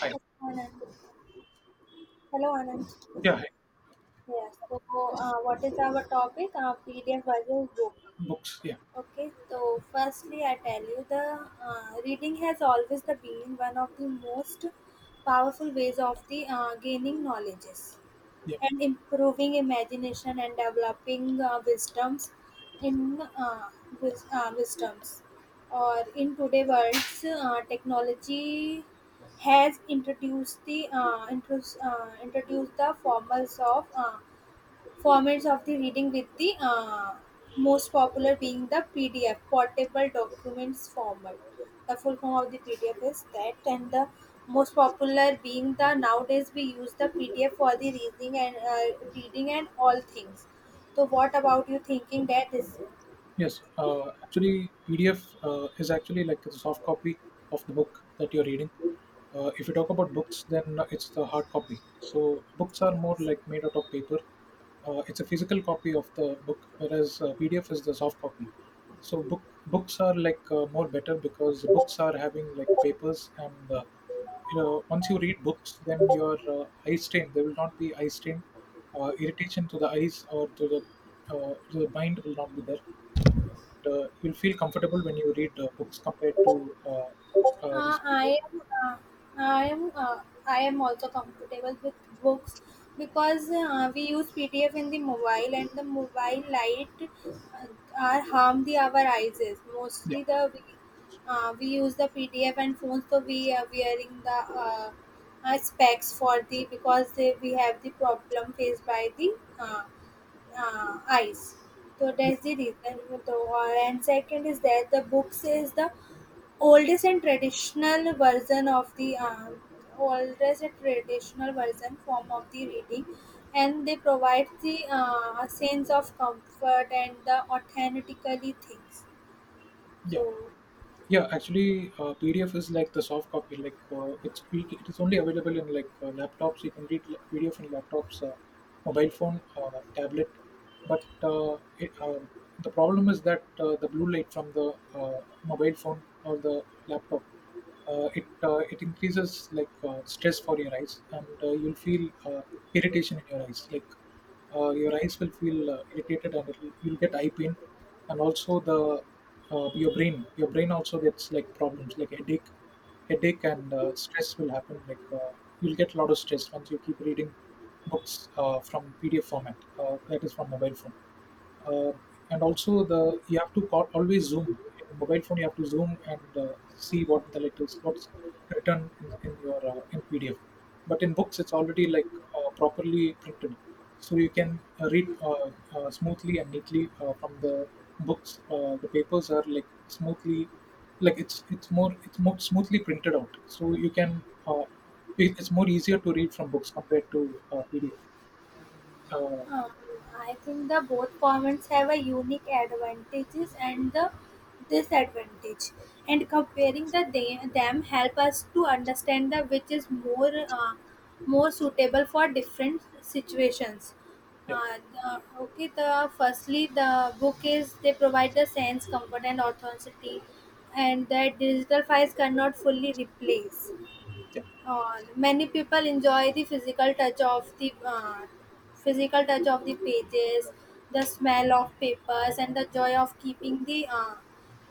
Hi. Anand. Hello, Anand. Yeah, hi. Yes. So, what is our topic? PDF versus book. Books. Yeah. Okay, so firstly, I tell you the reading has always the been one of the most powerful ways of the gaining knowledges Yeah. and improving imagination and developing wisdoms in wisdoms or in today world's technology has introduced introduced the formals of Formats of the reading with the most popular being the PDF (Portable Documents Format). The full form of the PDF is that, and the most popular being the nowadays we use the PDF for the reading and all things. So what about you thinking that is Yes, actually, PDF is actually like the soft copy of the book that you're reading. If you talk about books, then it's the hard copy. So books are more yes. like made out of paper. It's a physical copy of the book, whereas PDF is the soft copy. So books are like more better because books are having like papers, and once you read books, then your eye strain there will not be eye strain, irritation to the eyes or to the mind will not be there. You'll feel comfortable when you read books compared to Uh, this PDF. I am, uh, I am, uh, I am also comfortable with books because we use PDF in the mobile, and the mobile light are harm the our eyes. Yeah, Mostly the we use the PDF and phones, so we are wearing the specs for the because they, we have the problem faced by the uh, eyes. So that's the reason. Though. And second is that the books is the oldest and traditional version of the oldest and traditional version form of the reading, and they provide the a sense of comfort and the authentically things. yeah, So, yeah. Actually, PDF is like the soft copy. Like it is only available in like laptops. You can read PDF in laptops, mobile phone, tablet. But the problem is that the blue light from the mobile phone or the laptop, it increases like stress for your eyes, and you'll feel irritation in your eyes. Your eyes will feel irritated and you'll get eye pain, and also the your brain also gets like problems like headache and stress will happen. You'll get a lot of stress once you keep reading books from pdf format, that is from mobile phone, uh, and also the you have to always zoom in mobile phone. You have to zoom and see what the letters, what's written in your in pdf, but in books it's already like properly printed, so you can read smoothly and neatly from the books. The papers are like smoothly, like it's more smoothly printed out, so you can, uh, it's more easier to read from books compared to pdf. uh, Um, I think the both formats have a unique advantages and the disadvantage, and comparing the they, them help us to understand the which is more uh, more suitable for different situations. yeah, Uh, okay, the firstly the book is they provide the sense, comfort, and authenticity, and that digital files cannot fully replace. yeah, Or many people enjoy the physical touch of the physical touch of the pages, the smell of papers, and the joy of keeping the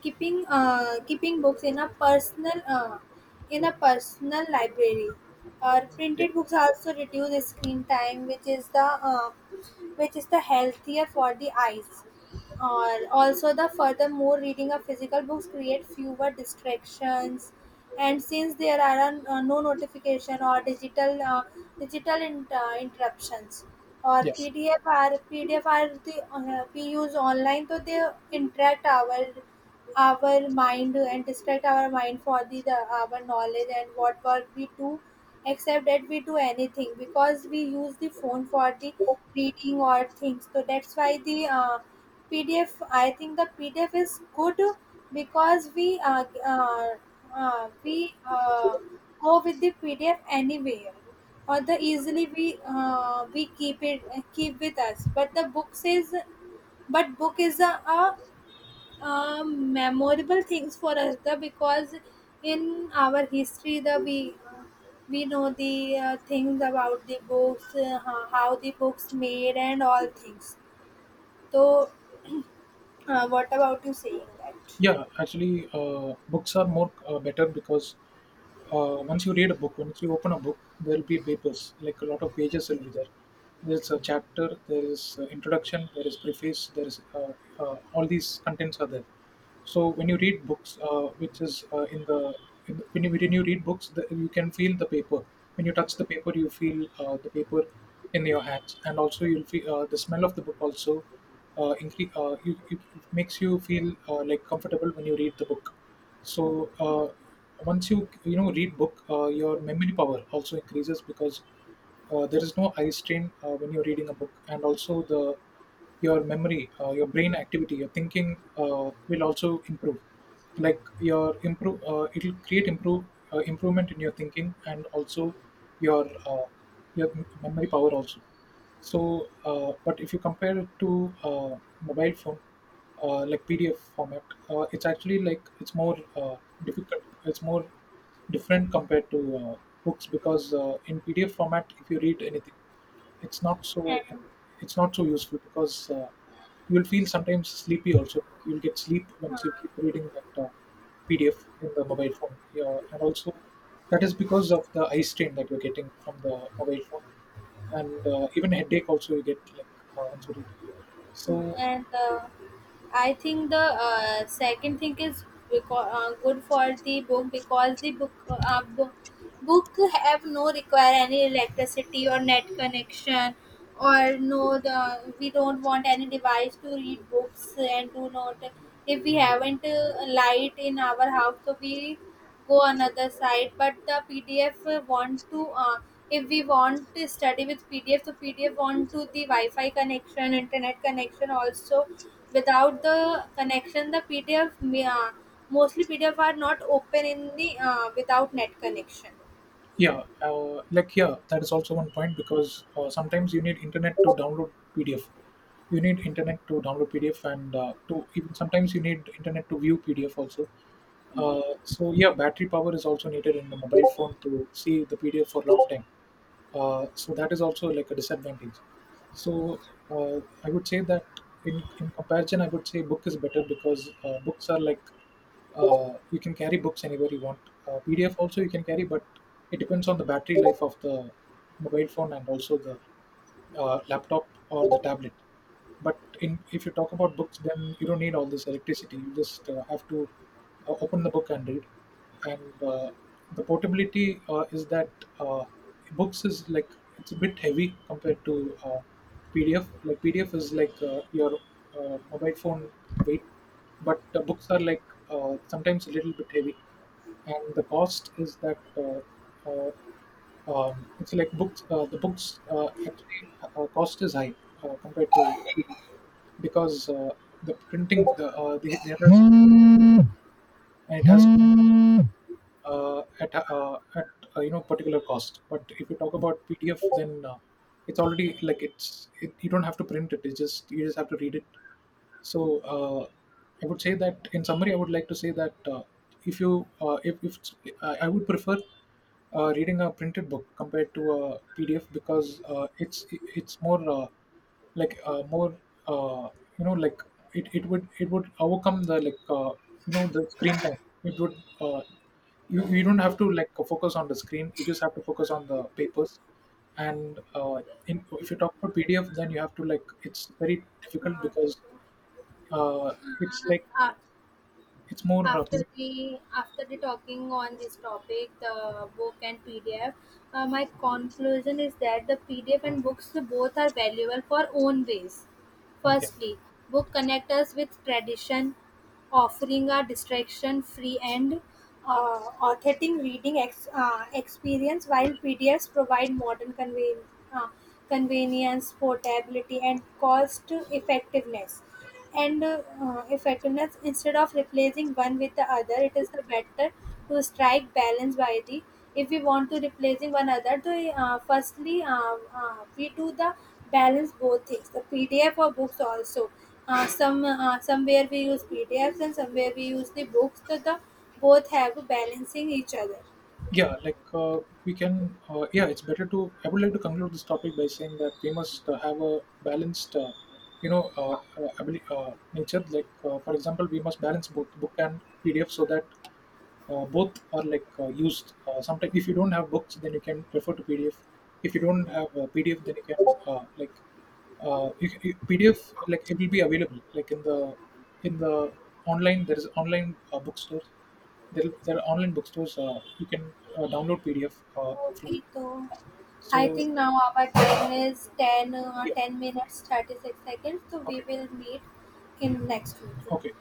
keeping keeping books in a personal library. Or yeah, printed books also reduce screen time, which is the healthier for the eyes, or also the furthermore reading of physical books create fewer distractions, and since there are no notification or digital interruptions, or yeah. Pdf are the we use online, so they interact our mind and distract our mind for the our knowledge and what work we do except that we do anything because we use the phone for the reading or things, so that's why the PDF, I think the PDF is good because we go with the PDF anywhere, or the easily we keep it keep with us. But the book says, but book is a memorable things for us, the because in our history the we know the things about the books, how the books made and all things. So, what about you saying that? Yeah, actually, books are more better because once you read a book, once you open a book, there will be papers. Like a lot of pages will be there. There's a chapter, there is introduction, there is preface, there is all these contents are there. So when you read books, which is in the- when you read books, you can feel the paper. When you touch the paper, you feel the paper in your hands, and also you'll feel the smell of the book also. It makes you feel like comfortable when you read the book. so uh, Once you you know read book, your memory power also increases because there is no eye strain when you're reading a book, and also the your memory, your brain activity, your thinking will also improve. Like your improve it'll create improve Improvement in your thinking, and also your memory power also. So, but if you compare it to mobile phone, like PDF format, it's actually like it's more difficult. It's more different compared to books, because in PDF format, if you read anything, it's not so And it's not so useful because you will feel sometimes sleepy. Also, you'll get sleep once you keep reading that PDF in the mobile phone. Yeah, and also that is because of the eye strain that you're getting from the mobile phone, and even headache also you get like once you read. So and uh, I think the second thing is because, good for the book because the book book have no require any electricity or net connection, or no the we don't want any device to read books, and do not, if we haven't light in our house so we go another site, but the pdf want to if we want to study with pdf, so pdf want to the wi-fi connection internet connection also, without the connection the mostly pdf are not open in the without net connection. yeah, yeah, that is also one point because sometimes you need internet to download PDF. You need internet to download PDF, and to even sometimes you need internet to view PDF also. So yeah, battery power is also needed in the mobile phone to see the PDF for a long time. So that is also like a disadvantage. So uh, I would say that in comparison, I would say book is better because books are like, you can carry books anywhere you want. PDF also you can carry, but it depends on the battery life of the mobile phone and also the laptop or the tablet. But in, if you talk about books, then you don't need all this electricity. You just have to open the book and read. And the portability is that uh, books is like it's a bit heavy compared to uh, pdf. Pdf is like your mobile phone weight, but the books are like sometimes a little bit heavy. And the cost is that uh, it's like books. The books, actually cost is high compared to, because the printing, the there is and it has at you know particular cost. But if you talk about PDF, then it's already like you don't have to print it. It's just You just have to read it. So I would say that in summary, I would like to say that if you if I would prefer reading a printed book compared to a PDF because it's more more uh, you know like it, it would overcome the, the screen time. It would, uh, you, you don't have to like focus on the screen. You just have to focus on the papers, and if you talk about PDF, then you have to like it's very difficult, Uh, because uh, it's like uh, it's more after the talking on this topic the book and pdf, my conclusion is that the pdf and books both are valuable for own ways. yeah. Firstly, book connect us with tradition, offering a distraction-free and authentic reading experience, while PDFs provide modern uh, convenience, portability, and cost-effectiveness. And effectiveness instead of replacing one with the other, it is the better to strike balance by the. If we want to replacing one other, to firstly we do the balance both things, the PDF or books also, somewhere we use PDFs and somewhere we use the books. So the both have balancing each other. Yeah, like we can yeah, it's better to, I would like to conclude this topic by saying that we must have a balanced nature. Like for example, we must balance both book and pdf, so that both are like used, sometimes if you don't have books then you can refer to pdf. If you don't have pdf, then you can uh, like pdf like it will be available like in the in the online. There is online bookstores. There are online bookstores. You can download PDF. Okay, so I So think now our time is yeah, 10 minutes 36 seconds. So we okay, will meet in next week. okay.